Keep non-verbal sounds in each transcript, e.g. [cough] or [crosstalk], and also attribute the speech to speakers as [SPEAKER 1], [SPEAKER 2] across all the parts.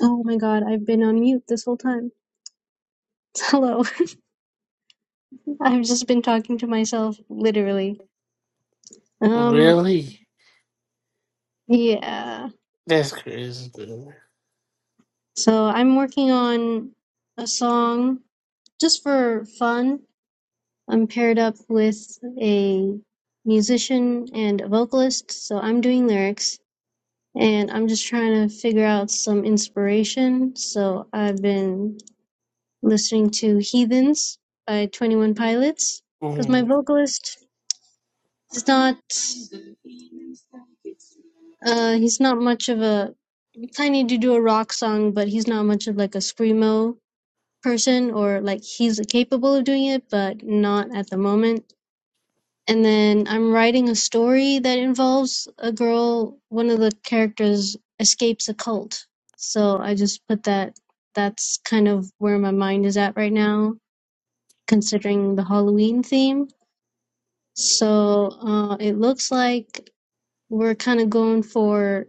[SPEAKER 1] Oh my god, I've been on mute this whole time. [laughs] Hello. [laughs] I've just been talking to myself, literally. Um,
[SPEAKER 2] Really?
[SPEAKER 1] yeah.
[SPEAKER 2] That's crazy.
[SPEAKER 1] So I'm working on a song just for fun. I'm paired up with a musician and a vocalist, so I'm doing lyrics and I'm just trying to figure out some inspiration. So I've been listening to Heathens by 21 Pilots because my
[SPEAKER 2] Mm,
[SPEAKER 1] vocalist He's not uh he's not much of a kind of to do a rock song, but he's not much of like a screamo person or like he's capable of doing it, but not at the moment. And then I'm writing a story that involves a girl, one of the characters escapes a cult. So I just put that that's kind of where my mind is at right now considering the Halloween theme. So uh, it looks like We're kind of going for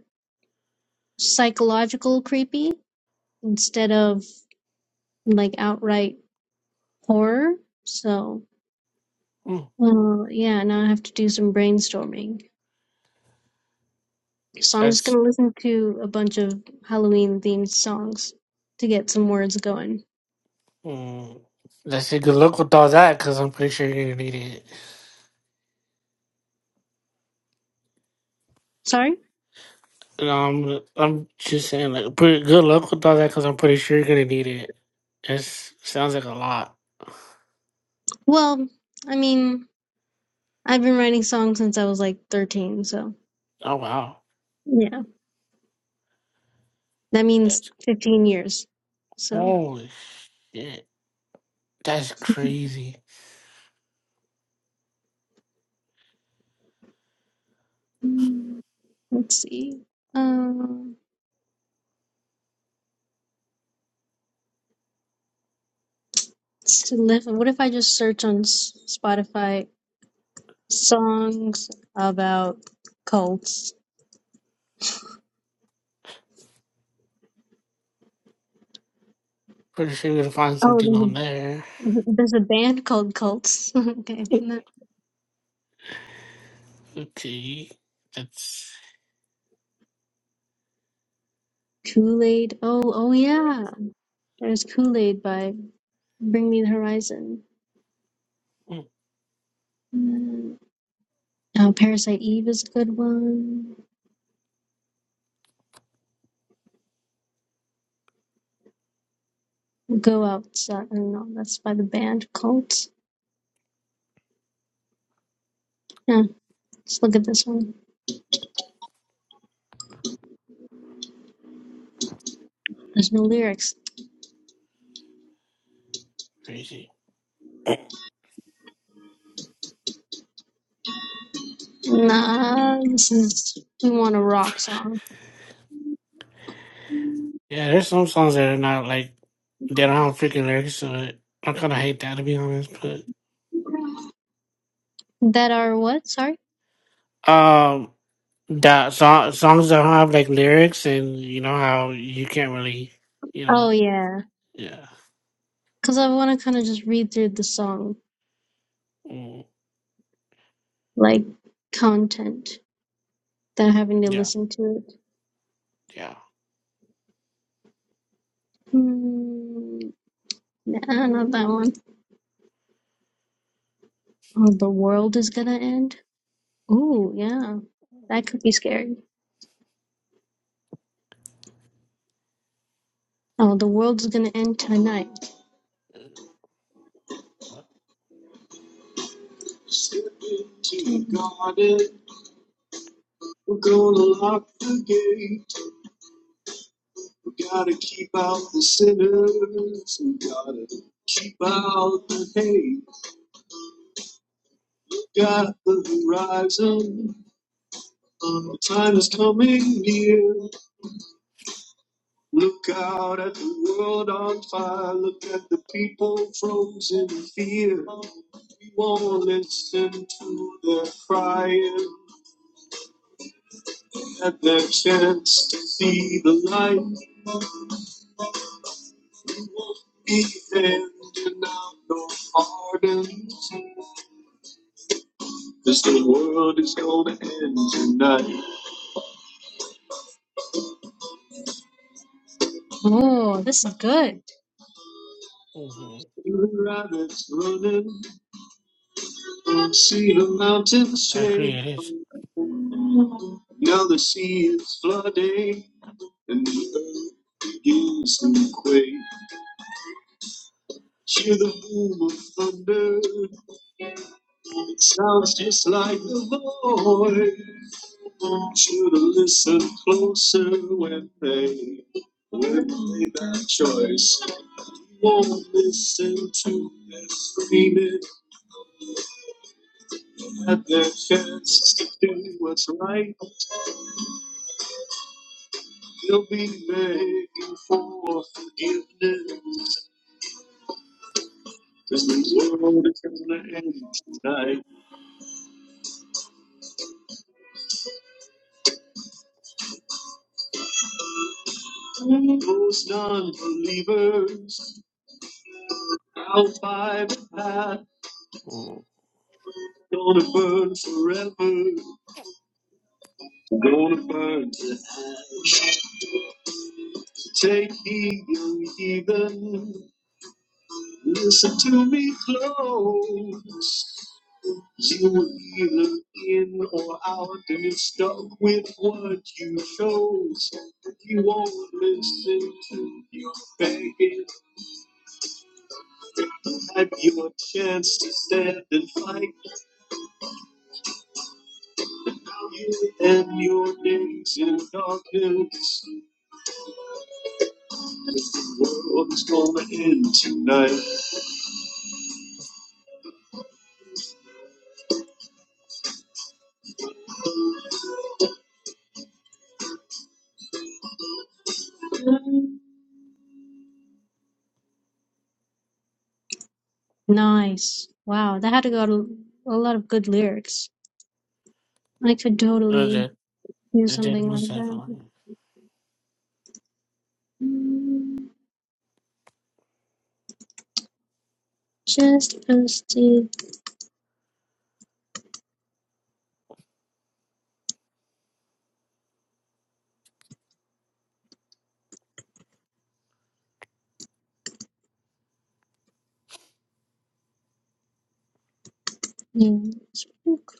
[SPEAKER 1] psychological creepy instead of like outright horror. So,
[SPEAKER 2] mm.
[SPEAKER 1] uh, yeah, now I have to do some brainstorming. So I'm just
[SPEAKER 2] That's
[SPEAKER 1] gonna listen to a bunch of Halloween themed songs to get some words going.
[SPEAKER 2] mm. that's a good luck with all that because I'm pretty sure you're gonna need it.
[SPEAKER 1] Sorry?
[SPEAKER 2] No, I'm I'm just saying like pretty good luck with all that because I'm pretty sure you're gonna need it. It sounds like a lot.
[SPEAKER 1] Well, I mean, I've been writing songs since I was like 13, so
[SPEAKER 2] Oh wow,
[SPEAKER 1] yeah, that means
[SPEAKER 2] that's
[SPEAKER 1] 15 years. So
[SPEAKER 2] holy shit. That's crazy.
[SPEAKER 1] mm, let's see. Um, Slip. What if I just search on S- Spotify songs about cults?
[SPEAKER 2] Pretty sure you're gonna find
[SPEAKER 1] Oh,
[SPEAKER 2] something on
[SPEAKER 1] there's
[SPEAKER 2] there.
[SPEAKER 1] a, there's a band called Cults. [laughs] okay.
[SPEAKER 2] Okay, that's
[SPEAKER 1] Kool Aid. Oh, oh yeah. There's Kool Aid by Bring Me the Horizon.
[SPEAKER 2] mm,
[SPEAKER 1] Mm. Oh, Parasite Eve is a good one. Go Outside. I don't know. That's by the band Cults. Yeah. Let's look at this one. There's no lyrics.
[SPEAKER 2] crazy.
[SPEAKER 1] Nah, this is. We want a rock song.
[SPEAKER 2] Yeah, there's some songs that are not like. that I don't freaking lyrics to it. I kind of hate that to be honest, but
[SPEAKER 1] That are what? Sorry?
[SPEAKER 2] um, that song, songs that don't have like lyrics and you know how you can't really, you
[SPEAKER 1] Oh
[SPEAKER 2] know,
[SPEAKER 1] yeah,
[SPEAKER 2] yeah,
[SPEAKER 1] because I want to kind of just read through the song,
[SPEAKER 2] mm,
[SPEAKER 1] like content, without having to
[SPEAKER 2] yeah,
[SPEAKER 1] listen to it.
[SPEAKER 2] yeah.
[SPEAKER 1] Hmm, nah, not that one. Oh, the world is gonna end. Ooh, yeah, that could be scary. Oh, the world's gonna end tonight. Step into the garden. We're gonna lock the gate. We gotta keep out the sinners. We gotta keep out the hate. Got the horizon. Oh, time is coming near. Look out at the world on fire. Look at the people frozen in fear. We won't listen to their crying at their chance to see the light. We won't be handing out no pardons. 'Cause the world is gonna end tonight. Oh, this is good.
[SPEAKER 2] hmm
[SPEAKER 1] Rabbits running. See the mountains
[SPEAKER 2] I agree.
[SPEAKER 1] shake.
[SPEAKER 2] It is.
[SPEAKER 1] Now the sea is flooding, and the earth begins to quake. Hear the boom of thunder. It sounds just like the voice. Should have listened closer when they when they made that choice. Won't listen to their screaming at their chances to do what's right. You'll be begging for forgiveness. Cause the world is gonna end tonight. Those non-believers out by the path,
[SPEAKER 2] Mm.
[SPEAKER 1] gonna burn forever. Gonna burn to ash. Take heed, young heathen. Listen to me close. You were either in or out, and you're stuck with what you chose. You won't listen to your begging. Have your chance to stand and fight. You and your days in darkness. The world is gonna end tonight. Nice. Wow, that had got a, a lot of good lyrics. I could
[SPEAKER 2] I
[SPEAKER 1] totally
[SPEAKER 2] did.
[SPEAKER 1] do
[SPEAKER 2] I did
[SPEAKER 1] something
[SPEAKER 2] most
[SPEAKER 1] like that.
[SPEAKER 2] definitely.
[SPEAKER 1] Mm, Just posted new book.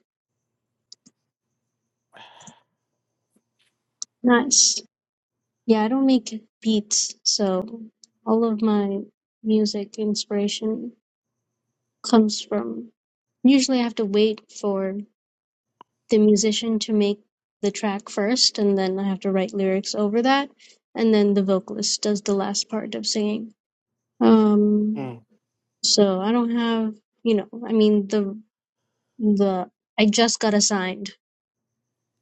[SPEAKER 1] Nice. Yeah, I don't make beats, so all of my music inspiration comes from. Usually, I have to wait for the musician to make the track first, and then I have to write lyrics over that, and then the vocalist does the last part of singing. Um,
[SPEAKER 2] Mm.
[SPEAKER 1] so I don't have, you know, I mean the the I just got assigned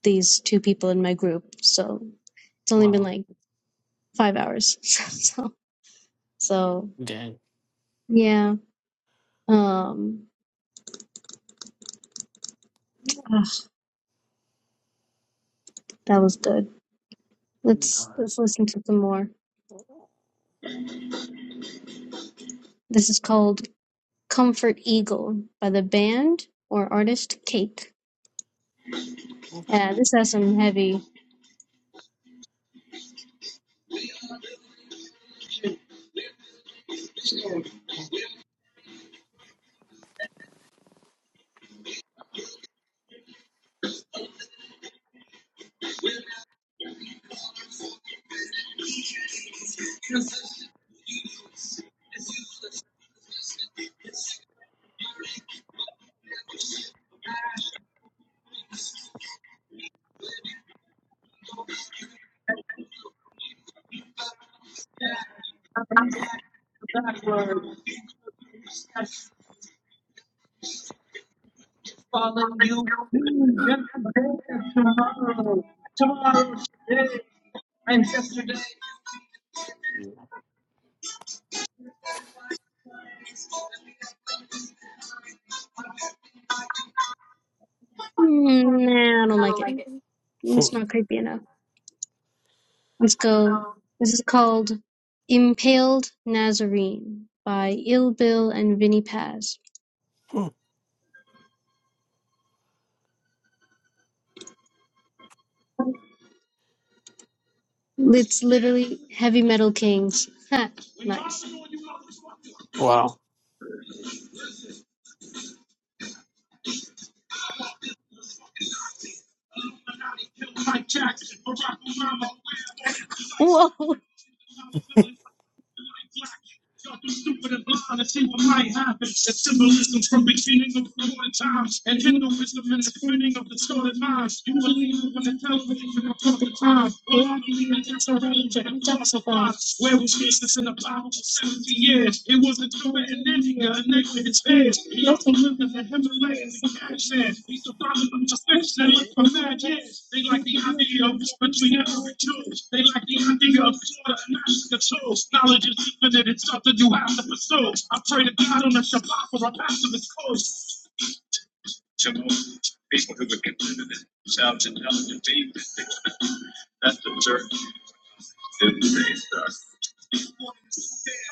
[SPEAKER 1] these two people in my group. So it's only been
[SPEAKER 2] Wow.
[SPEAKER 1] like five hours. [laughs] so so
[SPEAKER 2] Did.
[SPEAKER 1] yeah. Um ah, that was good.
[SPEAKER 2] Mm,
[SPEAKER 1] Let's let's listen to some more. This is called Comfort Eagle by the band or artist Cake. Yeah, this has some heavy backward. Just following you. Yesterday, tomorrow, tomorrow, today, and yesterday. Mm, nah, I don't like it. It's
[SPEAKER 2] mm,
[SPEAKER 1] not creepy enough. Let's go. This is called Impaled Nazarene by Ill Bill and Vinny Paz.
[SPEAKER 2] mm.
[SPEAKER 1] It's literally Heavy Metal Kings. [laughs] Ha, nice.
[SPEAKER 2] Wow.
[SPEAKER 1] Whoa. Y'all too stupid and blind to see what might happen. The symbolism from beginning of modern times and Hinduism and the printing of distorted minds. You believe it when the television and public crime. Well, I believe that that's irrelevant and falsified. Where was Jesus in the Bible for 70 years? It wasn't doing in India. The name is his head. He also lived in the Himalayas. He said, he's the father of the fish that look for mad yes. They like the idea of between every tools. They like the idea of slaughter and not the tools. Knowledge is infinite. It's something you have to pursue. I pray to God on a Shabbat for a passive coast.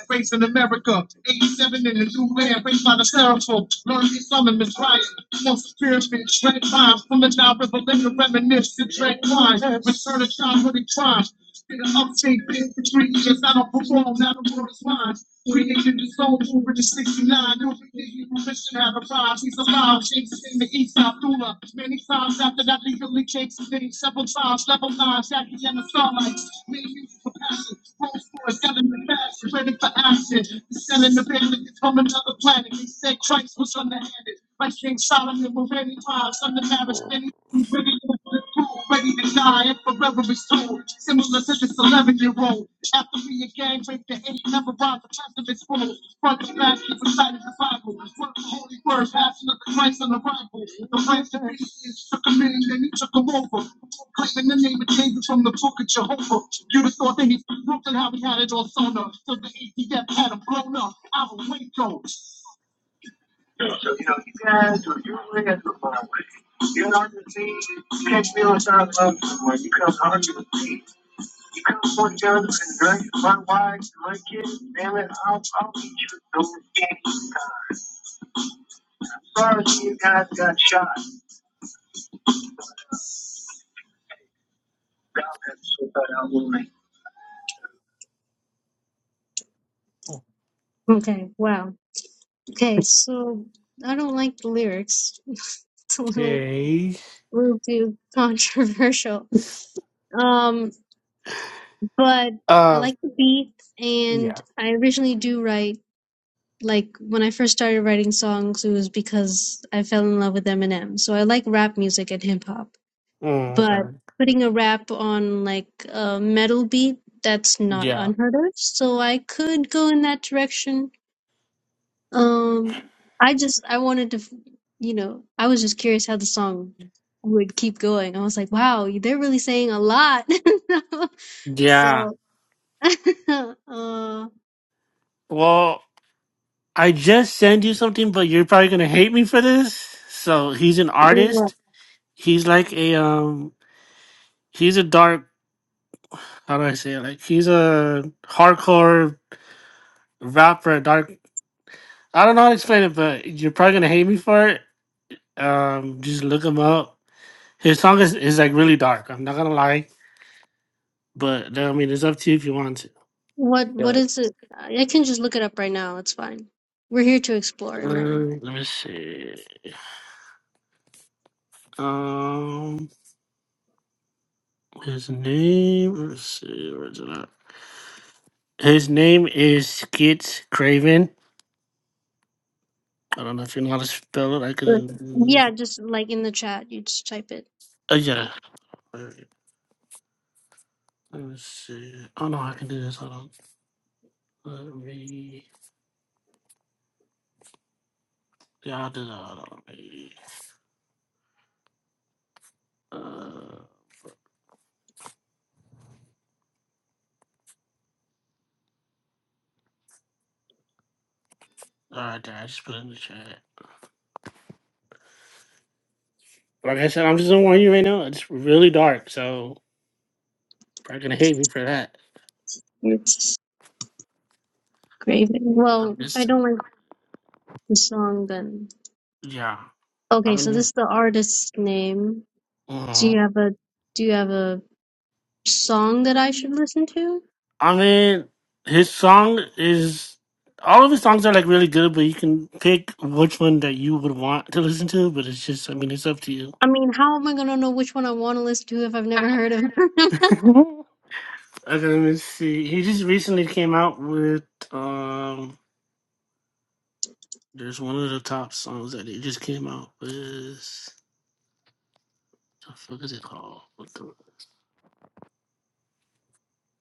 [SPEAKER 1] Raised in America, 87 in the new land, raised by the seraphim. Learned to summon the giant. Once the pyramids, red rhymes from the Nile River, let the reminisce to dread crimes. Return to childhood and crimes. Been an upstate bitch for three years, I don't perform, now the world is mine. Created his own over the 69, no forgetting permission had arrived. He's alive, now chases in the east side Abdullah. Many times after that, legally chases in several times. Level nines, Jackie and the starlights. Me used for passion. Post for it, yelling the passion, ready for action. Selling the business from another planet. They said Christ was underhanded. Like King Solomon with many times. under marriage, many. ready to Ready to die and forever restored. Similar to this 11 year old. After we a gang raped the hate, never rise the pessimist roll. Front to back, keep reciting the Bible. Work the holy word, passion of the Christ on arrival. The friends and atheists took him in and he took him over. Claiming the name of Jesus from the book of Jehovah. You'd have thought that he from Brooklyn, how we had it all sewn up. Till the ATF had him blown up. I was Waco. So, you know, you guys, are looking at the far away, you're not going to see catch me on the side love somewhere. You come hard to You come for each other and drink my wives and my kids. Damn it, I'll, I'll meet you at those games. Sorry you guys got shot. Okay, wow. Okay, so I don't like the lyrics. [laughs] It's a little,
[SPEAKER 2] Okay.
[SPEAKER 1] little too controversial. Um, but I
[SPEAKER 2] Um.
[SPEAKER 1] like the beat, and
[SPEAKER 2] Yeah.
[SPEAKER 1] I originally do write. like when I first started writing songs, it was because I fell in love with Eminem. So I like rap music and hip hop,
[SPEAKER 2] Mm,
[SPEAKER 1] but
[SPEAKER 2] okay.
[SPEAKER 1] putting a rap on like a metal beat, that's not
[SPEAKER 2] Yeah.
[SPEAKER 1] unheard of. So I could go in that direction. Um, I just I wanted to, f- you know, I was just curious how the song would keep going. I was like, wow, they're really saying a lot. [laughs]
[SPEAKER 2] Yeah.
[SPEAKER 1] so, [laughs] uh,
[SPEAKER 2] Well. I just sent you something, but you're probably gonna hate me for this. So he's an
[SPEAKER 1] yeah.
[SPEAKER 2] artist. He's like a um. He's a dark. How do I say it? Like he's a hardcore rapper. Dark. I don't know how to explain it, but you're probably gonna hate me for it. Um, just look him up. His song is, is like really dark. I'm not gonna lie, but I mean, it's up to you if you want to.
[SPEAKER 1] What what
[SPEAKER 2] But
[SPEAKER 1] is it? I can just look it up right now. It's fine. We're here to explore and learn.
[SPEAKER 2] um, let me see. Um, his name. Let's see. Where's it at? His name is Skits Craven. I don't know if you know how to spell it. I
[SPEAKER 1] Sure.
[SPEAKER 2] could. Uh,
[SPEAKER 1] Yeah, just like in the chat, you just type it.
[SPEAKER 2] oh, yeah. Alright, Let me see. Oh no, I can do this. Hold on. Let me. Yeah, I'll do that. Hold on. Let me- Uh, Alright, there. I just put it in the chat. Like I said, I'm just gonna warn you right now. It's really dark, so you're probably gonna hate me for that.
[SPEAKER 1] It's great.
[SPEAKER 2] I'm
[SPEAKER 1] Well, if I
[SPEAKER 2] just.
[SPEAKER 1] don't like the song, then
[SPEAKER 2] Yeah.
[SPEAKER 1] okay.
[SPEAKER 2] I'm
[SPEAKER 1] So this
[SPEAKER 2] in
[SPEAKER 1] is the artist's name. Do
[SPEAKER 2] here.
[SPEAKER 1] you have a Do you have a song that I should listen to?
[SPEAKER 2] I mean, his song is all of his songs are like really good, but you can pick which one that you would want to listen to. But it's just, I mean, it's up to you.
[SPEAKER 1] I mean, how am I gonna know which one I want to listen to if I've never heard of? him? [laughs]
[SPEAKER 2] [laughs] okay, let me see. He just recently came out with um. There's one of the top songs that he just came out with. The fuck is it called? What the? All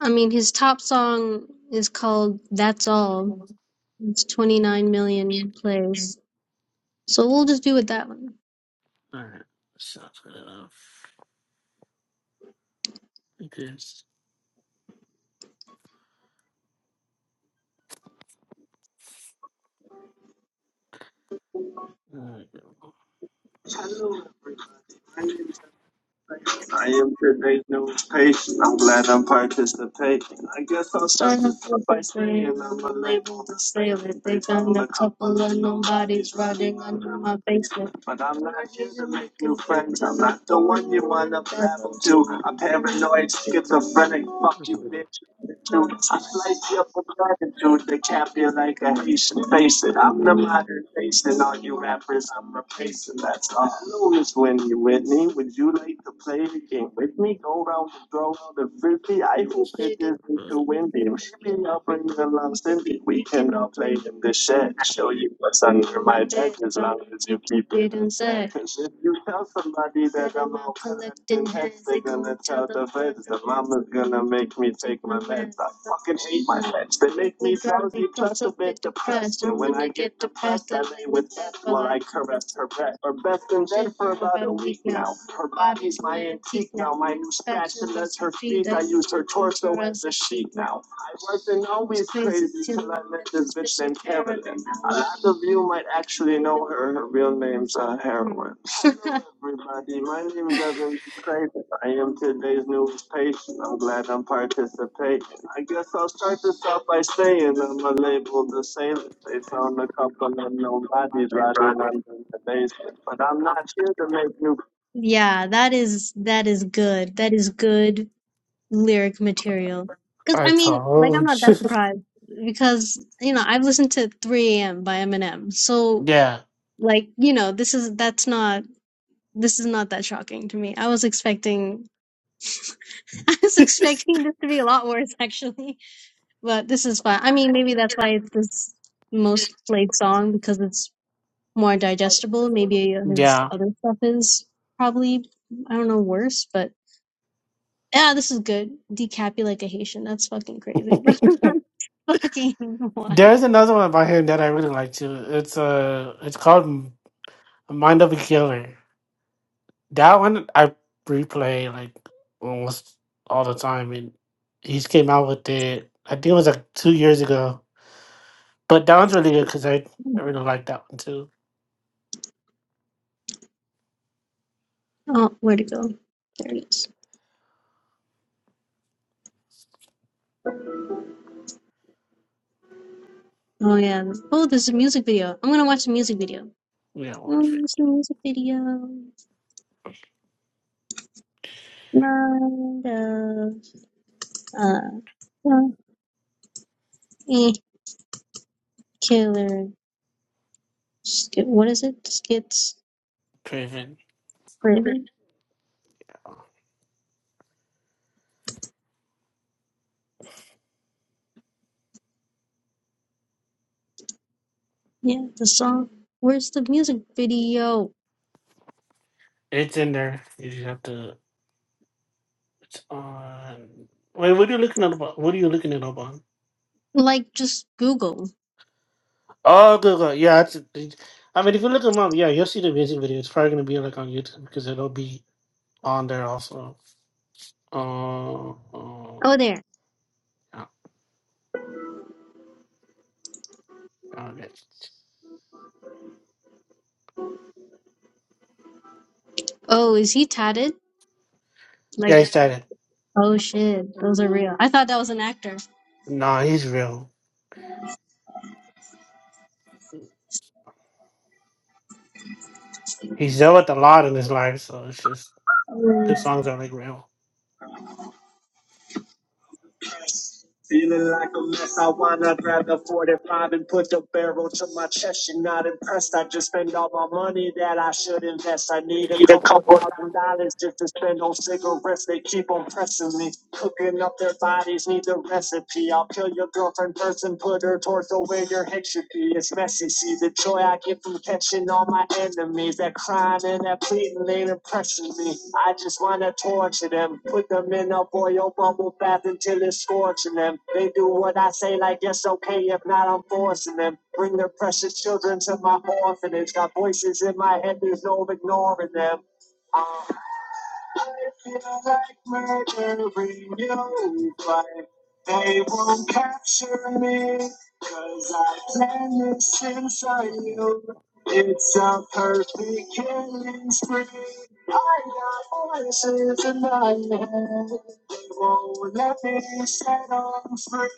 [SPEAKER 1] I mean, his top song is called "That's All." It's 29 million plays. So we'll just do with that one.
[SPEAKER 2] right, sounds good enough. Because.
[SPEAKER 1] I am today's new patient. I'm glad I'm participating. I guess I'll start this up by saying I'm I'm a labeled a They They found a couple of nobodies nobodies under my basement. But I'm not here to make new friends. I'm not the one you wanna wanna I'm paranoid, schizophrenic. Fuck you, bitch. I slice you up with gratitude to cap you like a Haitian. Face it, I'm the modern nation, all you rappers, I'm replacing. That's all. Hello, Miss Wendy Whitney. Would you like to play the game with me? Go round the throw out the frisbee. I hope it isn't too windy. Maybe I'll bring the long Cindy. We can all play in the shed. Show you what's under my tent as long as you keep it in set. Cause if you tell somebody that I'm all collecting heads, They're gonna tell the feds. The mama's gonna make me take my meds. I fucking hate my meds. They make me drowsy, plus a bit depressed. And when I get depressed, I lay with death while I caress her back. Or best in bed for about a week now. Her body's my antique now. My new spatula's her feet. I use her torso as a sheet now. I wasn't always crazy till I met this bitch named Carolyn. A lot of you might actually know her. Her real name's uh, Heroin everybody. My name is Evan Craven. I am today's newest patient. I'm glad I'm participating. I guess I'll start this off by saying I'm a labeled the sailor. They found a couple and nobody's riding under the basement. But I'm not here to make new. Yeah, that is that is good. That is good lyric material. Because
[SPEAKER 2] I
[SPEAKER 1] I mean, like I'm
[SPEAKER 2] told
[SPEAKER 1] not
[SPEAKER 2] you.
[SPEAKER 1] that
[SPEAKER 2] [laughs]
[SPEAKER 1] surprised because you know I've listened to 3 a.m. by Eminem. So
[SPEAKER 2] Yeah.
[SPEAKER 1] like you know this is that's not this is not that shocking to me. I was expecting [laughs] I was expecting this to be a lot worse actually. But this is fine. I mean maybe that's why it's this most played song because it's more digestible. Maybe his
[SPEAKER 2] Yeah.
[SPEAKER 1] other stuff is probably I don't know worse, but yeah, this is good. Decappy like a Haitian. That's fucking crazy, bro. [laughs] fucking
[SPEAKER 2] There's
[SPEAKER 1] wild.
[SPEAKER 2] another one by him that I really like too. It's uh it's called Mind of a Killer. That one I replay like almost all the time, and he's came out with it. I think it was like two years ago. But that one's really good because I, I really like that one too.
[SPEAKER 1] Oh, where'd it go? There it is. Oh yeah. Oh, there's a music video. I'm gonna watch the music video.
[SPEAKER 2] We gotta
[SPEAKER 1] Oh,
[SPEAKER 2] watch it.
[SPEAKER 1] there's a music video. Not a uh, well, eh, killer. Sk- What is it? Skits
[SPEAKER 2] Craven.
[SPEAKER 1] Raven? Yeah, the song. Where's the music video?
[SPEAKER 2] It's in there. You just have to. It's on. Wait, what are you looking at? About? What are you looking at up on?
[SPEAKER 1] Like, just Google.
[SPEAKER 2] Oh, good, good. Yeah, it's, it- I mean, if you look them up, yeah, you'll see the music video. It's probably gonna be like on YouTube because it'll be on there also. Uh, uh,
[SPEAKER 1] Oh, there.
[SPEAKER 2] yeah, okay.
[SPEAKER 1] Oh, is he tatted? Like,
[SPEAKER 2] Yeah, he's dead.
[SPEAKER 1] oh shit, those are real. I thought that was an actor.
[SPEAKER 2] No, he's real. He's dealt with a lot in his life, so it's just the songs are like real.
[SPEAKER 1] Feeling like a mess, I wanna grab the 45 and put the barrel to my chest. You're not impressed, I just spend all my money that I should invest. I need a
[SPEAKER 2] Need a
[SPEAKER 1] couple
[SPEAKER 2] couple.
[SPEAKER 1] thousand dollars just to spend on cigarettes. They keep on pressing me, cooking up their bodies, need the recipe. I'll kill your girlfriend first and put her torso in your head. It's this message. See the joy I get from catching all my enemies. That crying and that pleading ain't impressing me. I just wanna torture them. Put them in a boil bubble bath until it's scorching them. They do what I say like it's okay. If not, I'm forcing them. Bring their precious children to my orphanage. Got voices in my head, there's no ignoring them. Uh, I feel like murdering you, but they won't capture me 'cause I planned this inside you. it's a perfect killing spree. I got voices in my head. They won't let me set on free.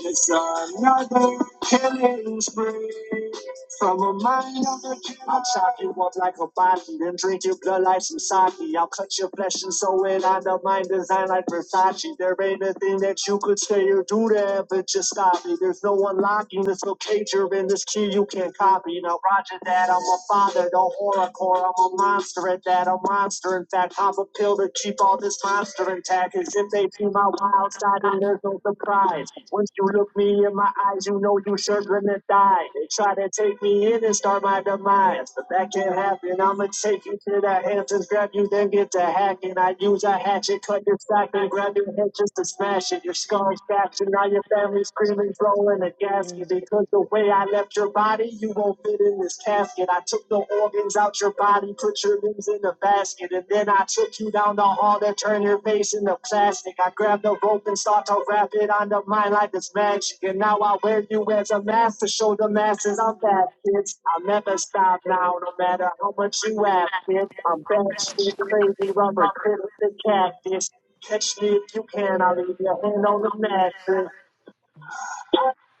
[SPEAKER 1] It's another killing spree. From a mind of a king, I'll chop you up like a body, then drink your blood like some sake. I'll cut your flesh and sew it on the mind design like Versace. There ain't a thing that you could say or do that, but just stop me. There's no unlocking, there's no cage you're in this key you can't copy. Now, Roger that, I'm a father, don't no horrorcore, I'm a monster at that, a monster. In fact, pop a pill to keep all this monster intact, as if they do my wild side and there's no surprise. Once you look me in my eyes, you know you sure gonna die. They try to take me in and start my demise, but that can't happen. I'ma take you to that Hamptons, grab you, then get to hacking. I use a hatchet, cut your sack and grab your head just to smash it. Your skull's fractured, now your family's screaming, throwing a gasket because the way I left your body, you won't fit in this casket. I took the oil organs out your body, put your limbs in a basket. And then I took you down the hall to turn your face into plastic. I grabbed the rope and start to wrap it on the mind like it's magic. And now I wear you as a mask to show the masses I'm bad, kids. I'll never stop now, no matter how much you ask, kids. I'm bad shit, crazy rubber, critic, the cactus. Catch me if you can, I'll leave your hand on the mattress.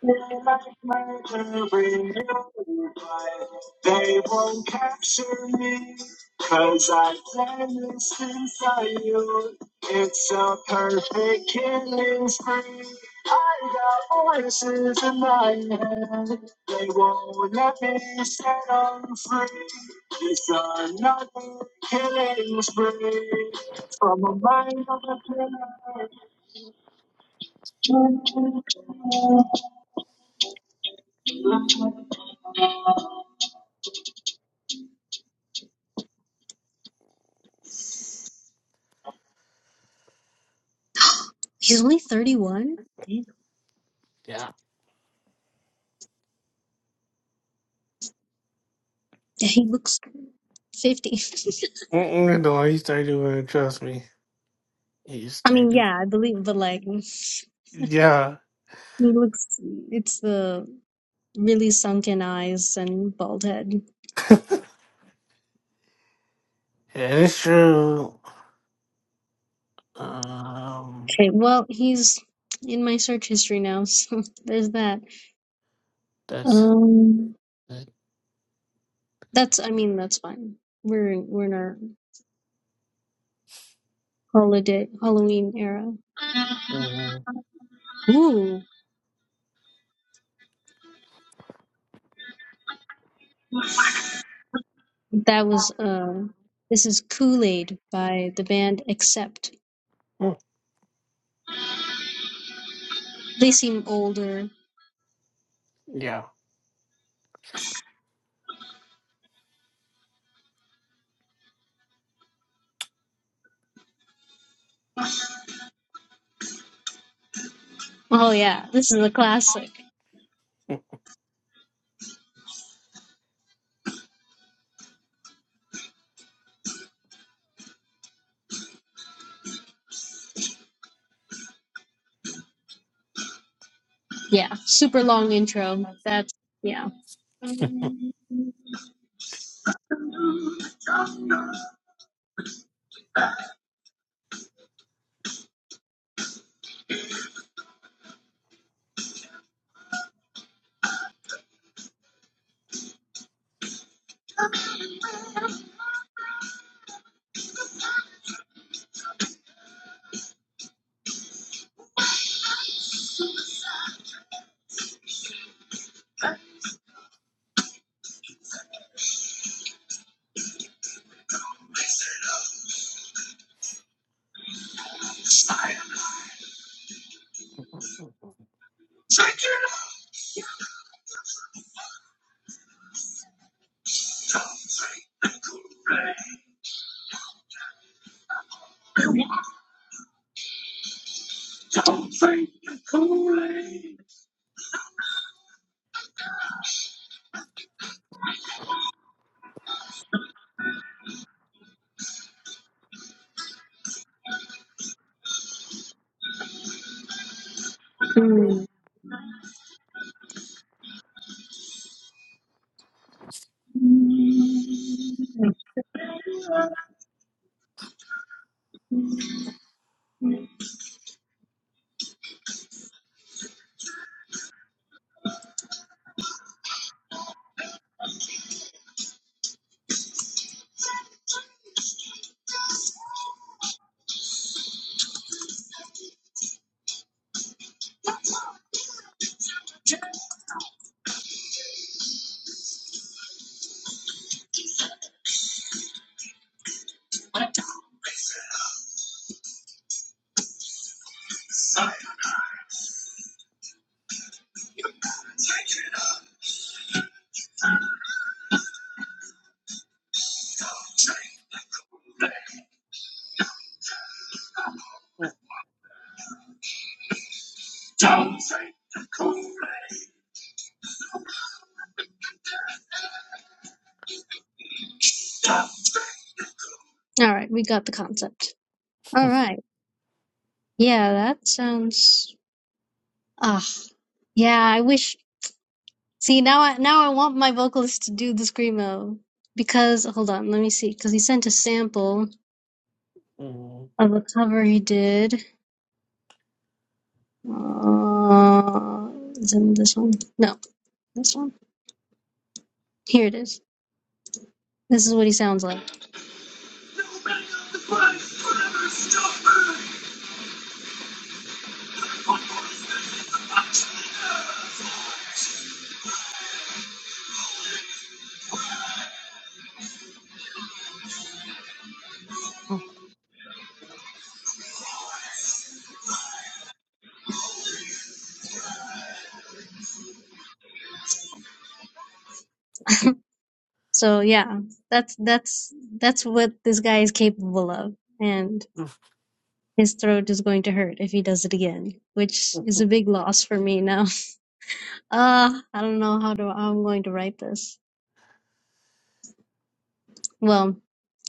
[SPEAKER 1] Now magic man to bring you life. They won't capture me, cause I planned this inside you. It's a perfect killing spree. I got voices in my head. They won't let me set on free. It's another killing spree. From a mind of a killer. He's only 31? Damn.
[SPEAKER 2] Yeah.
[SPEAKER 1] Yeah, He looks 50.
[SPEAKER 2] Mm-mm, no, he's dirty Trust me, he's
[SPEAKER 1] I mean,
[SPEAKER 2] dirty.
[SPEAKER 1] yeah, I believe, but like, he
[SPEAKER 2] Yeah,
[SPEAKER 1] looks, it's the really sunken eyes and bald head.
[SPEAKER 2] yeah, it's true. Um,
[SPEAKER 1] Okay, well, he's in my search history now, [laughs] so there's that.
[SPEAKER 2] that's
[SPEAKER 1] Um,
[SPEAKER 2] it.
[SPEAKER 1] that's, I mean, that's fine. We're in, we're in our holiday, Halloween era.
[SPEAKER 2] Mhm.
[SPEAKER 1] Ooh, that was, uh, this is Kool-Aid by the band Accept.
[SPEAKER 2] Mm,
[SPEAKER 1] They seem older.
[SPEAKER 2] Yeah.
[SPEAKER 1] Oh yeah, this is a classic. Yeah, super long intro. That's yeah. Mm.
[SPEAKER 2] [laughs]
[SPEAKER 1] All right, we got the concept. All right. Yeah, that sounds. Ah, yeah. I wish. See now, I now I want my vocalist to do the screamo because hold on, let me see. Because he sent a sample
[SPEAKER 2] Mm.
[SPEAKER 1] of a cover he did. Uh, is it this one? No, this one. Here it is. This is what he sounds like.
[SPEAKER 2] Mm,
[SPEAKER 1] So yeah, that's that's that's what this guy is capable of, and.
[SPEAKER 2] [laughs] mm,
[SPEAKER 1] His throat is going to hurt if he does it again, which
[SPEAKER 2] mm,
[SPEAKER 1] is
[SPEAKER 2] mm.
[SPEAKER 1] a big loss for me now. [laughs] Uh, I don't know how to how I'm going to write this. Well,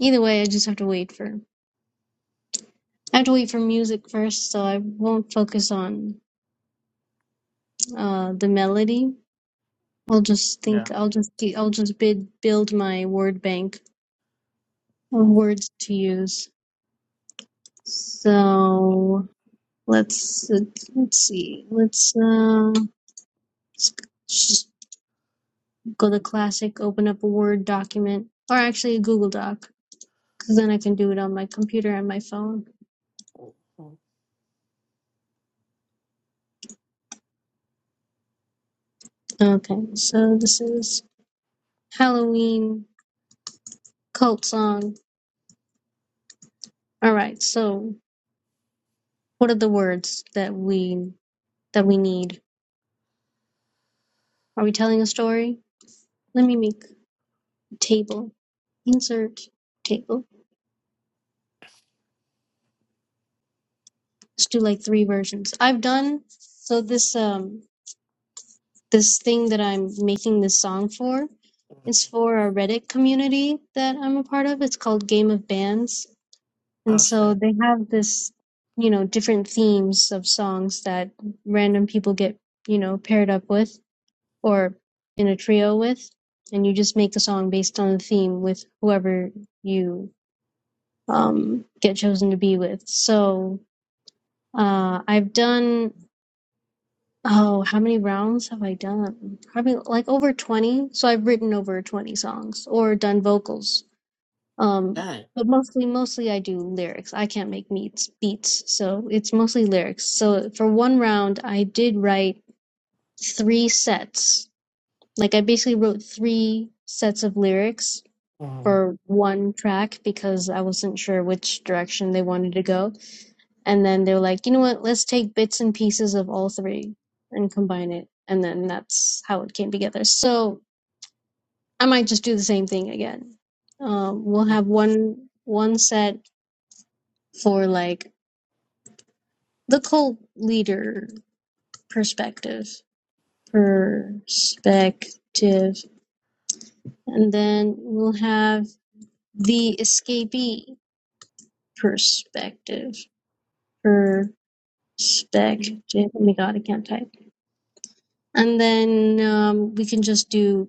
[SPEAKER 1] either way, I just have to wait for I have to wait for music first, so I won't focus on uh the melody. I'll just
[SPEAKER 2] yeah.
[SPEAKER 1] think I'll just I'll just bid, build my word bank of
[SPEAKER 2] mm.
[SPEAKER 1] words to use.
[SPEAKER 2] mm,
[SPEAKER 1] So let's let's, let's see. Let's uh just go to Classic, open up a Word document, or actually a Google Doc, because then I can do it on my computer and my phone.
[SPEAKER 2] mm, mm,
[SPEAKER 1] Okay, so this is Halloween cult song. All right, so what are the words that we that we need? Are we telling a story? Let me make a table. Insert table. Let's do like three versions. I've done so this um this thing that I'm making this song for
[SPEAKER 2] mm.
[SPEAKER 1] is for a Reddit community that I'm a part of. It's called Game of Bands. And
[SPEAKER 2] I
[SPEAKER 1] so
[SPEAKER 2] said,
[SPEAKER 1] they have this, you know, different themes of songs that random people get, you know, paired up with or in a trio with. And you just make the song based on the theme with whoever you um, get chosen to be with. So uh, I've done Oh, how many rounds have I done? Probably like over 20. So I've written over 20 songs or done vocals. Um,
[SPEAKER 2] dang.
[SPEAKER 1] but mostly, mostly I do lyrics. I can't make meets, beats, so it's mostly lyrics. So for one round, I did write three sets. Like I basically wrote three sets of lyrics
[SPEAKER 2] Mm,
[SPEAKER 1] for one track because I wasn't sure which direction they wanted to go. And then they were like, you know what, let's take bits and pieces of all three and combine it. And then that's how it came together. So I might just do the same thing again. Um, we'll
[SPEAKER 2] mm,
[SPEAKER 1] have one one set for like the cult leader perspective. Perspective. And then we'll have the escapee perspective. Per stack. Oh my god, I can't type. And then um, we can just do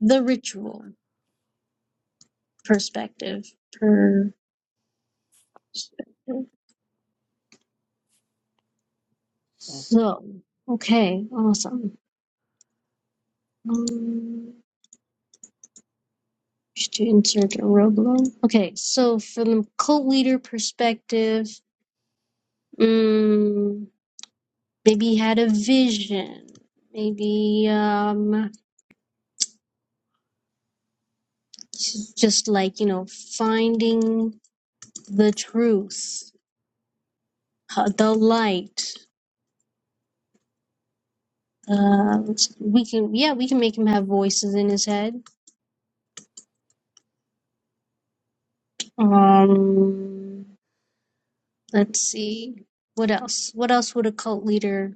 [SPEAKER 1] the ritual perspective. Perspective.
[SPEAKER 2] mm,
[SPEAKER 1] So, okay, awesome. Um, just to insert a Roblo. Okay, so from the cult leader perspective, mm, maybe he had a vision. Maybe um, just like, you know, finding the truth, uh, the light. Um, we can, yeah, we can make him have voices in his head. Um, let's see, what else? What else would a cult leader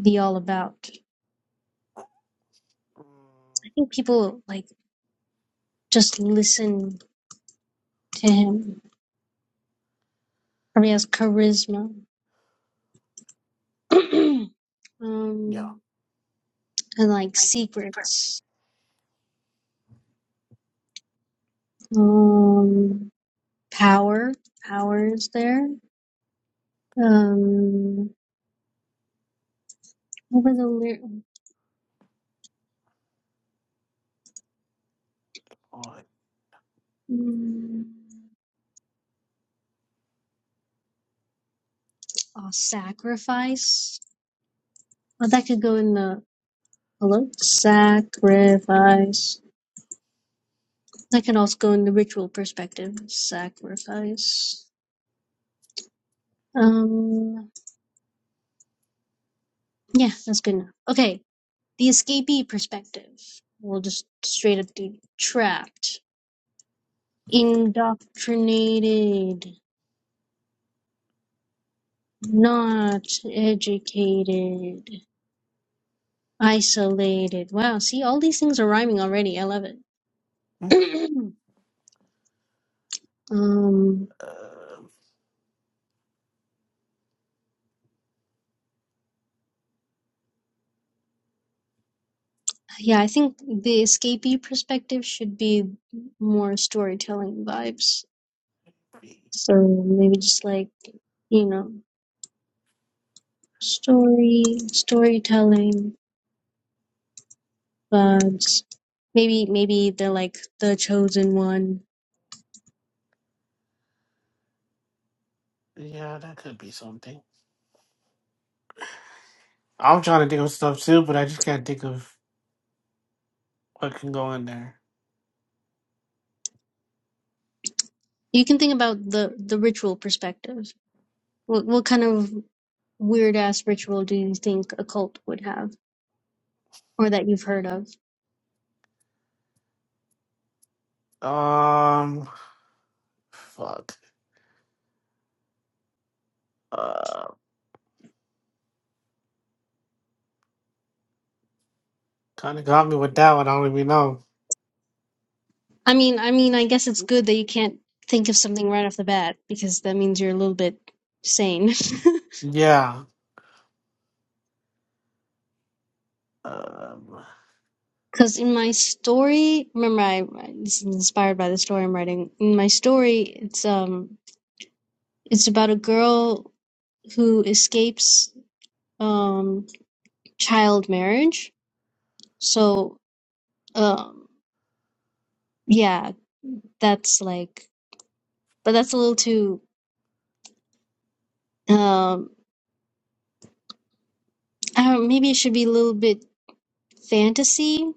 [SPEAKER 1] be all about?
[SPEAKER 2] mm.
[SPEAKER 1] I think people like just listen to him. Or he has charisma. [clears throat] um,
[SPEAKER 2] Yeah.
[SPEAKER 1] and like secrets. Um, power. Power is there. Um, what were the lyrics?
[SPEAKER 2] alright.
[SPEAKER 1] Oh, sacrifice. Well, that could go in the Hello? Sacrifice. That can also go in the ritual perspective. Sacrifice. Um, yeah, that's good enough. Okay, the escapee perspective. We'll just straight up do trapped, indoctrinated, not educated, isolated. Wow, see, all these things are rhyming already. I love it.
[SPEAKER 2] Mm.
[SPEAKER 1] [clears throat] um,
[SPEAKER 2] Uh,
[SPEAKER 1] Yeah, I think the escapee perspective should be more storytelling vibes. So maybe just like, you know, story, storytelling vibes. Maybe maybe they're like the chosen one.
[SPEAKER 2] yeah, that could be something. I'm trying to think of stuff too, but I just can't think of what can go in there.
[SPEAKER 1] You can think about the the ritual perspective. What what kind of weird ass ritual do you think a cult would have or that you've heard of?
[SPEAKER 2] Um, fuck. Uh, kind of got me with that one. I don't even know.
[SPEAKER 1] I mean, I mean, I guess it's good that you can't think of something right off the bat because that means you're a little bit sane. [laughs]
[SPEAKER 2] Yeah. Um,
[SPEAKER 1] Because in my story, remember, I I- this is inspired by the story I'm writing. In my story, it's um, it's about a girl who escapes um child marriage. So um, yeah, that's like, but that's a little too um, I don't, maybe it should be a little bit fantasy.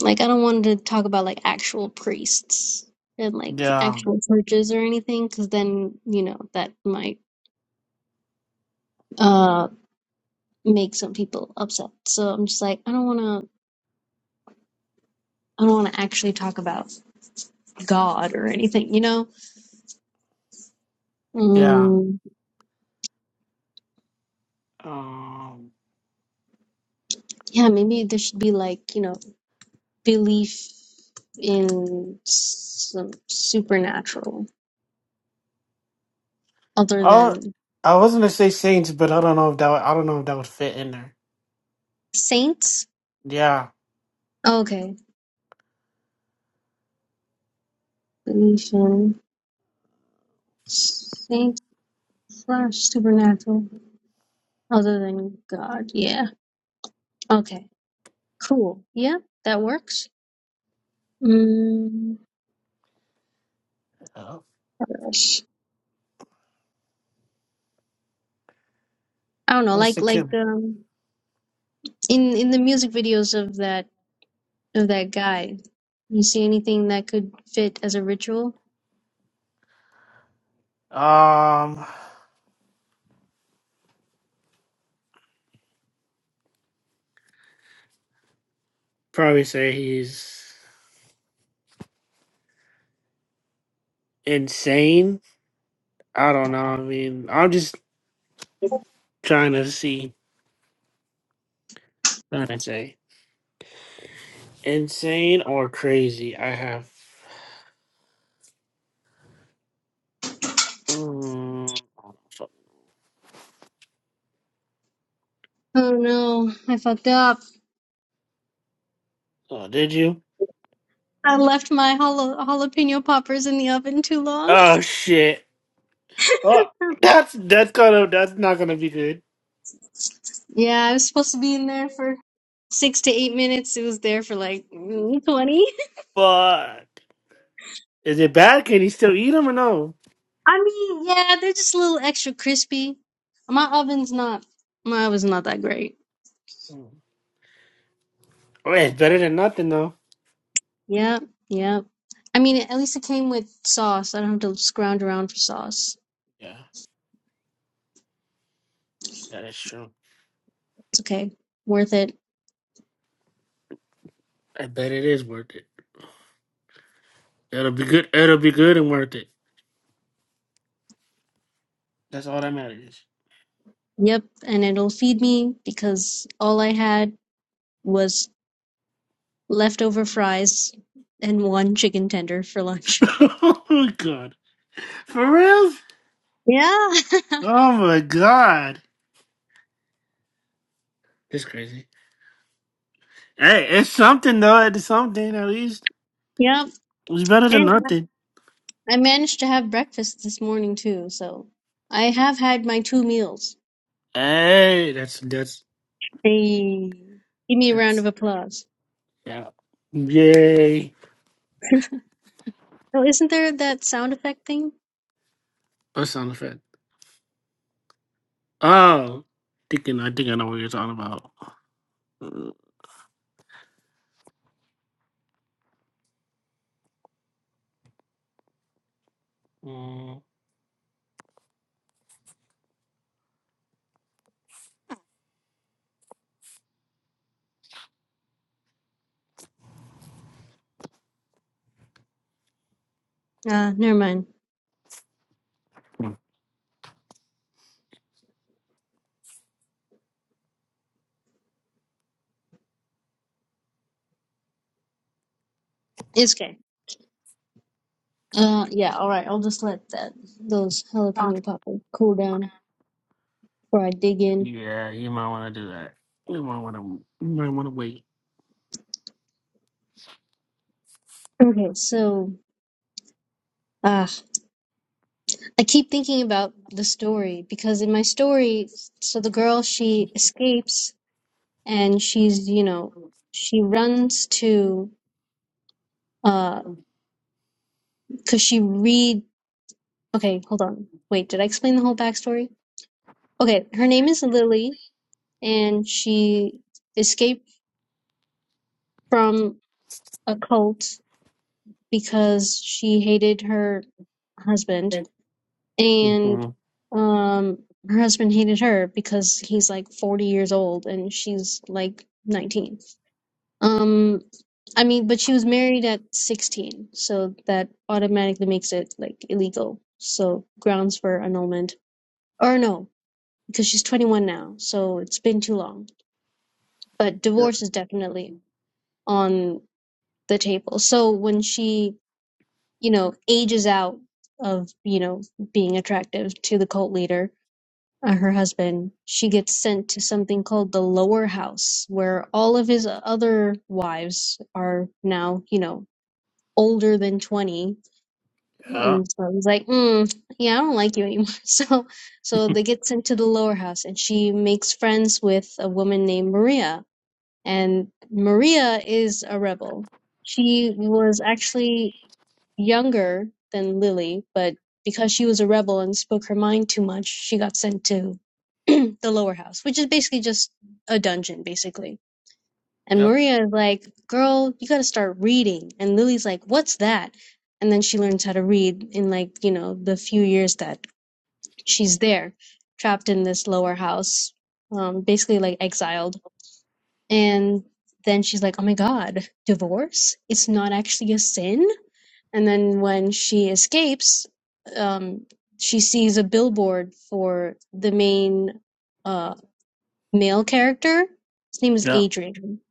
[SPEAKER 1] Like I don't want to talk about like actual priests and like
[SPEAKER 2] yeah.
[SPEAKER 1] actual churches or anything, because then you know that might uh, make some people upset. So I'm just like, I don't want to, I don't want to actually talk about God or anything, you know?
[SPEAKER 2] Yeah.
[SPEAKER 1] Mm,
[SPEAKER 2] Um,
[SPEAKER 1] yeah, maybe there should be like, you know, belief in some supernatural other
[SPEAKER 2] Oh,
[SPEAKER 1] than
[SPEAKER 2] I was gonna say Saints, but I don't know if that would- I don't know if that would fit in there.
[SPEAKER 1] saints.
[SPEAKER 2] Yeah,
[SPEAKER 1] Okay, belief in saints slash supernatural other than God. Yeah. Okay. Cool. Yeah, that works. Mm,
[SPEAKER 2] uh,
[SPEAKER 1] what else? I don't know,
[SPEAKER 2] what's
[SPEAKER 1] like
[SPEAKER 2] the
[SPEAKER 1] like
[SPEAKER 2] kid?
[SPEAKER 1] um in in the music videos of that of that guy you see anything that could fit as a ritual
[SPEAKER 2] Um, probably say he's insane. I don't know. I mean, I'm just trying to see. Trying to say insane or crazy. I have. Mm,
[SPEAKER 1] oh no i fucked up
[SPEAKER 2] oh, did you?
[SPEAKER 1] i left my jala- jalapeno poppers in the oven too long
[SPEAKER 2] Oh shit. Oh,
[SPEAKER 1] [laughs]
[SPEAKER 2] that's that's gonna that's not gonna be good.
[SPEAKER 1] yeah i was supposed to be in there for six to eight minutes it was there for like mm, 20
[SPEAKER 2] But is it bad? Can he still eat him or no?
[SPEAKER 1] i mean yeah they're just a little extra crispy my oven's not my oven's not that great
[SPEAKER 2] Well, it's better than nothing though.
[SPEAKER 1] yeah yeah i mean at least it came with sauce i don't have to scrounge around for sauce
[SPEAKER 2] Yeah, that is true.
[SPEAKER 1] it's okay worth it
[SPEAKER 2] I bet it is worth it. It'll be good. It'll be good and worth it. That's all that matters.
[SPEAKER 1] Yep, and it'll feed me because all I had was leftover fries and one chicken tender for
[SPEAKER 2] [laughs]
[SPEAKER 1] lunch.
[SPEAKER 2] oh my god, for real?
[SPEAKER 1] Yeah. [laughs]
[SPEAKER 2] Oh my god, it's crazy. Hey, it's something though. It's something at least.
[SPEAKER 1] Yep.
[SPEAKER 2] It's better than
[SPEAKER 1] And I
[SPEAKER 2] nothing.
[SPEAKER 1] I managed to have breakfast this morning too, so I have had my two meals.
[SPEAKER 2] Hey, that's that's
[SPEAKER 1] Hey. Give me a round
[SPEAKER 2] that's
[SPEAKER 1] of applause.
[SPEAKER 2] yeah. Yay!
[SPEAKER 1] Oh, isn't there that sound effect thing?
[SPEAKER 2] That sound effect. Oh, thinking. I think I know what you're talking about.
[SPEAKER 1] Uh, never mind. It's okay. Uh, yeah, all right. I'll just let that those jalapeno poppers cool down before I dig in.
[SPEAKER 2] Yeah, you might want to do that. You might want to. You might want to wait.
[SPEAKER 1] Okay, so, ah. I keep thinking about the story because in my story, so the girl she escapes and she's you know she runs to uh because she read okay hold on wait did I explain the whole backstory okay her name is Lily and she escaped from a cult because she hated her husband and
[SPEAKER 2] hmm
[SPEAKER 1] um her husband hated her because he's like 40 years old and she's like 19 um i mean but she was married at 16 so that automatically makes it like illegal so grounds for annulment or no because she's 21 now so it's been too long but
[SPEAKER 2] Yep.
[SPEAKER 1] divorce is definitely on the table so when she you know ages out of you know being attractive to the cult leader uh, her husband, she gets sent to something called the lower house, where all of his other wives are now, you know, older than 20.
[SPEAKER 2] Yeah.
[SPEAKER 1] And so he's like, mm, yeah, I don't like you anymore. [laughs] So, so they get sent to the lower house, and she makes friends with a woman named Maria. And Maria is a rebel. She was actually younger than Lily, but because she was a rebel and spoke her mind too much, she got sent to [clears throat] the lower house, which is basically just a dungeon, basically. And
[SPEAKER 2] Yep.
[SPEAKER 1] Maria is like, Girl, you gotta start reading. And Lily's like, What's that? And then she learns how to read in, like, you know, the few years that she's there, trapped in this lower house, um, basically like exiled. And then she's like, Oh my God, divorce? It's not actually a sin? And then when she escapes, um, she sees a billboard for the main uh, male character. His name is
[SPEAKER 2] Yep.
[SPEAKER 1] Adrian,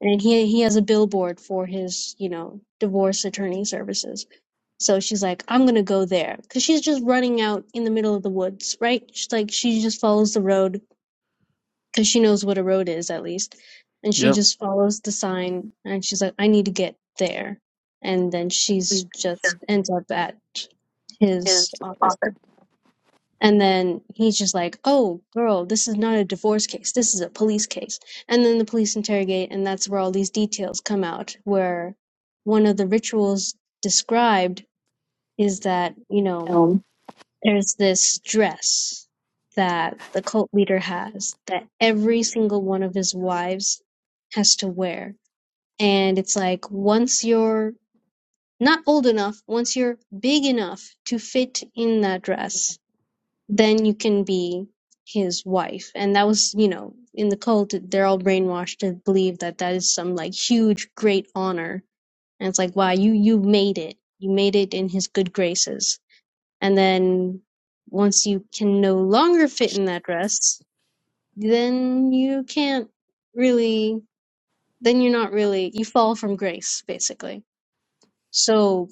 [SPEAKER 1] and he he has a billboard for his you know divorce attorney services. So she's like, I'm gonna go there because she's just running out in the middle of the woods, right? She's like, she just follows the road because she knows what a road is at least. And she
[SPEAKER 2] Yep.
[SPEAKER 1] just follows the sign and she's like, I need to get there. And then she's just ends up at his office. And then he's just like, Oh, girl, this is not a divorce case. This is a police case. And then the police interrogate, and that's where all these details come out, where one of the rituals described is that, you know, there's this dress that the cult leader has that every single one of his wives has to wear. And it's like once you're not old enough, once you're big enough to fit in that dress, then you can be his wife. And that was, you know, in the cult, they're all brainwashed to believe that that is some like huge, great honor. And it's like, wow, you, you made it. You made it in his good graces and then once you can no longer fit in that dress, then you can't really, then you're not really, you fall from grace, basically. So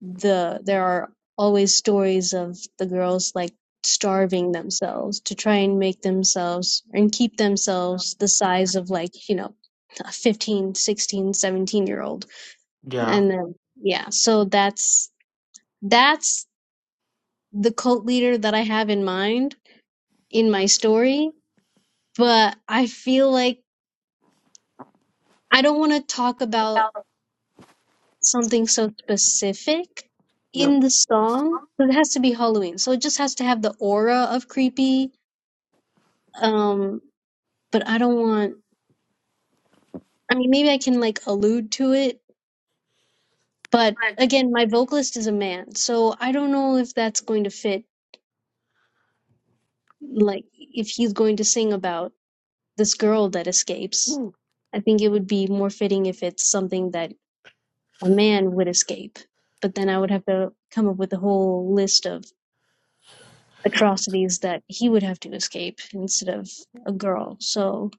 [SPEAKER 1] the, there are always stories of the girls like starving themselves to try and make themselves and keep themselves the size of like, you know, a 15, sixteen, seventeen year old.
[SPEAKER 2] Yeah.
[SPEAKER 1] And then, yeah, so that's, that's the cult leader that I have in mind in my story, but I feel like I don't want to talk about something so specific
[SPEAKER 2] Yep.
[SPEAKER 1] in the song. So it has to be Halloween. So it just has to have the aura of creepy. Um, but I don't want, I mean, maybe I can like allude to it, but again, my vocalist is a man. So I don't know if that's going to fit, like, if he's going to sing about this girl that escapes. I think it would be more fitting if it's something that or man would escape. But then I would have to come up with a whole list of atrocities that he would have to escape instead of a girl. So,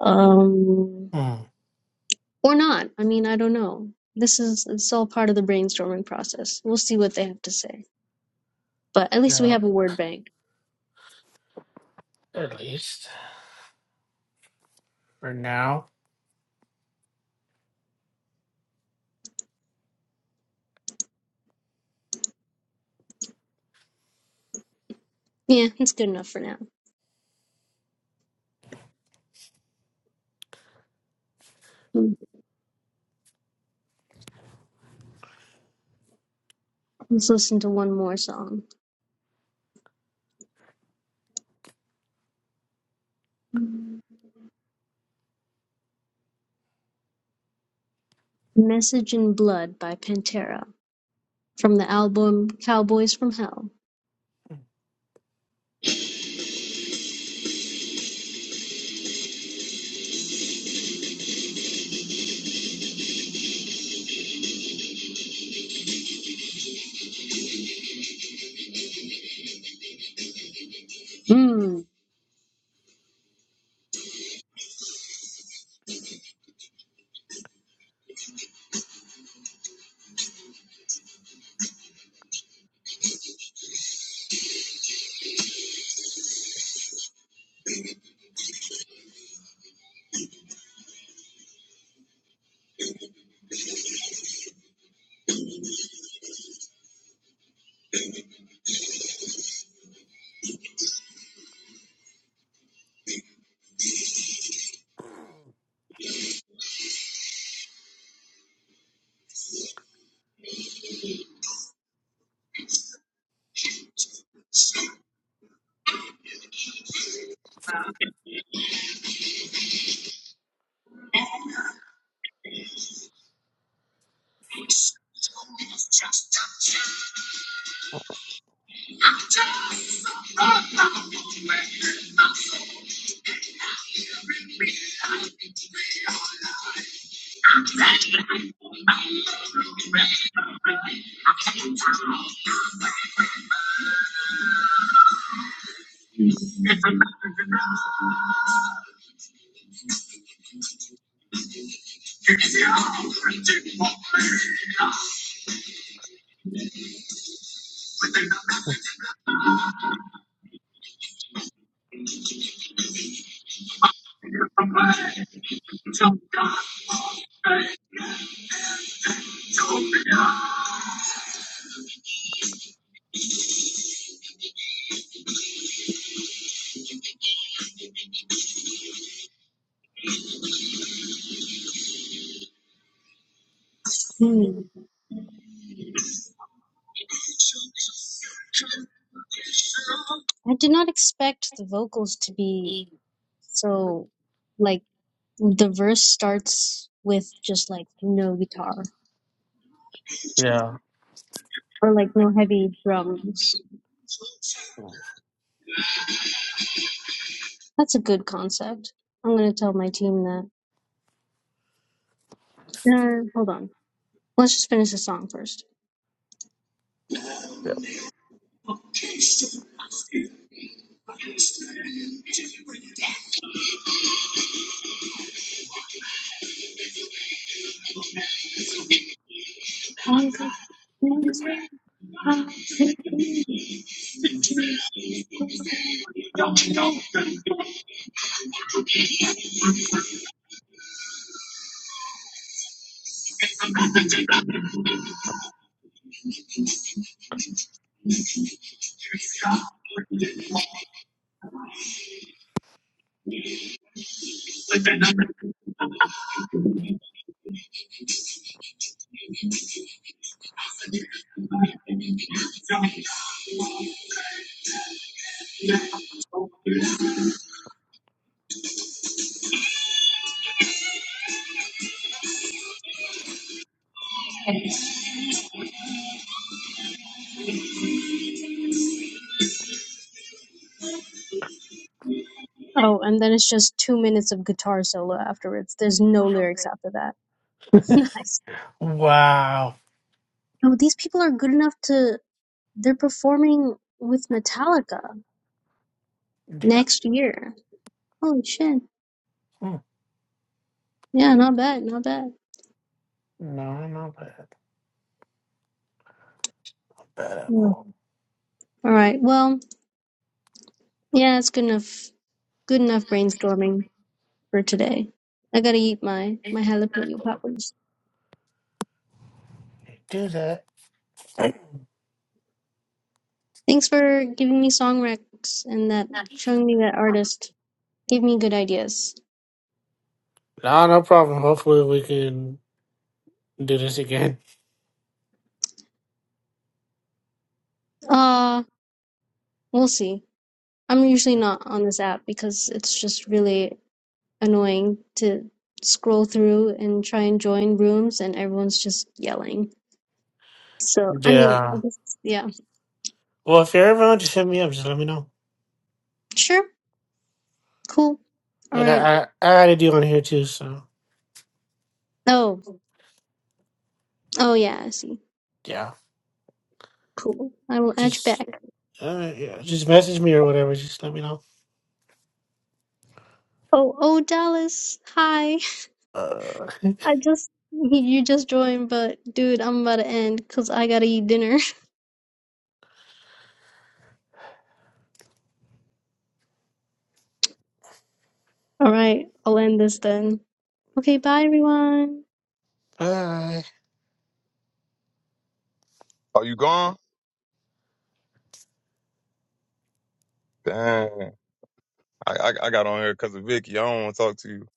[SPEAKER 1] um,
[SPEAKER 2] Mm.
[SPEAKER 1] or not. I mean, I don't know. This is it's all part of the brainstorming process. We'll see what they have to say. But at least we
[SPEAKER 2] Yeah.
[SPEAKER 1] have a word bank.
[SPEAKER 2] At least for now.
[SPEAKER 1] Yeah, it's good enough for now. Let's listen to one more song. Message in Blood by Pantera from the album Cowboys from Hell. Hmm. Hmm. I did not expect the vocals to be so like the verse starts with just like no guitar
[SPEAKER 2] Yeah.
[SPEAKER 1] or like no heavy drums.
[SPEAKER 2] Mm.
[SPEAKER 1] That's a good concept. I'm gonna tell my team that. Uh, hold on. Let's just finish the song first.
[SPEAKER 2] Yep.
[SPEAKER 1] Oh, and then it's just two minutes of guitar solo afterwards. There's no lyrics after that.
[SPEAKER 2] [laughs]
[SPEAKER 1] [laughs] nice.
[SPEAKER 2] Wow.
[SPEAKER 1] No, these people are good enough to. They're performing with Metallica.
[SPEAKER 2] Yeah.
[SPEAKER 1] next year. Holy shit.
[SPEAKER 2] Mm.
[SPEAKER 1] Yeah, not bad, not bad.
[SPEAKER 2] No, not bad. Not Bad at
[SPEAKER 1] Yeah.
[SPEAKER 2] all.
[SPEAKER 1] All right. Well, yeah, it's good enough good enough brainstorming for today. I gotta eat my my jalapeno poppers.
[SPEAKER 2] Do that.
[SPEAKER 1] Thanks for giving me song recs and that showing me that artist. Gave me good ideas.
[SPEAKER 2] No, no problem. Hopefully, we can do this again.
[SPEAKER 1] Uh we'll see. I'm usually not on this app because it's just really annoying to scroll through and try and join rooms and everyone's just yelling. So I mean I
[SPEAKER 2] Yeah.
[SPEAKER 1] guess yeah.
[SPEAKER 2] Well, if you're ever on, just hit me up. Just let me know.
[SPEAKER 1] Sure. Cool. All
[SPEAKER 2] And
[SPEAKER 1] right.
[SPEAKER 2] I, I, I already do on here too. So
[SPEAKER 1] Oh, oh yeah, I see.
[SPEAKER 2] yeah.
[SPEAKER 1] Cool. I will add you
[SPEAKER 2] just.
[SPEAKER 1] back.
[SPEAKER 2] Uh, yeah, just message me or whatever. Just let me know.
[SPEAKER 1] Oh, oh Dallas, hi.
[SPEAKER 2] Uh, [laughs]
[SPEAKER 1] I just you just joined, but dude, I'm about to end because I gotta eat dinner. [laughs] All right, I'll end this then. Okay, bye everyone.
[SPEAKER 2] all right.
[SPEAKER 3] Oh, you gone? Dang. I I, I got on here because of Vicky. I don't want to talk to you.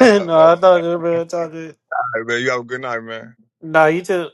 [SPEAKER 3] [laughs]
[SPEAKER 2] [laughs]
[SPEAKER 3] All
[SPEAKER 2] no, I thought you were talking.
[SPEAKER 3] right, man. You have a good night, man.
[SPEAKER 2] No, you too.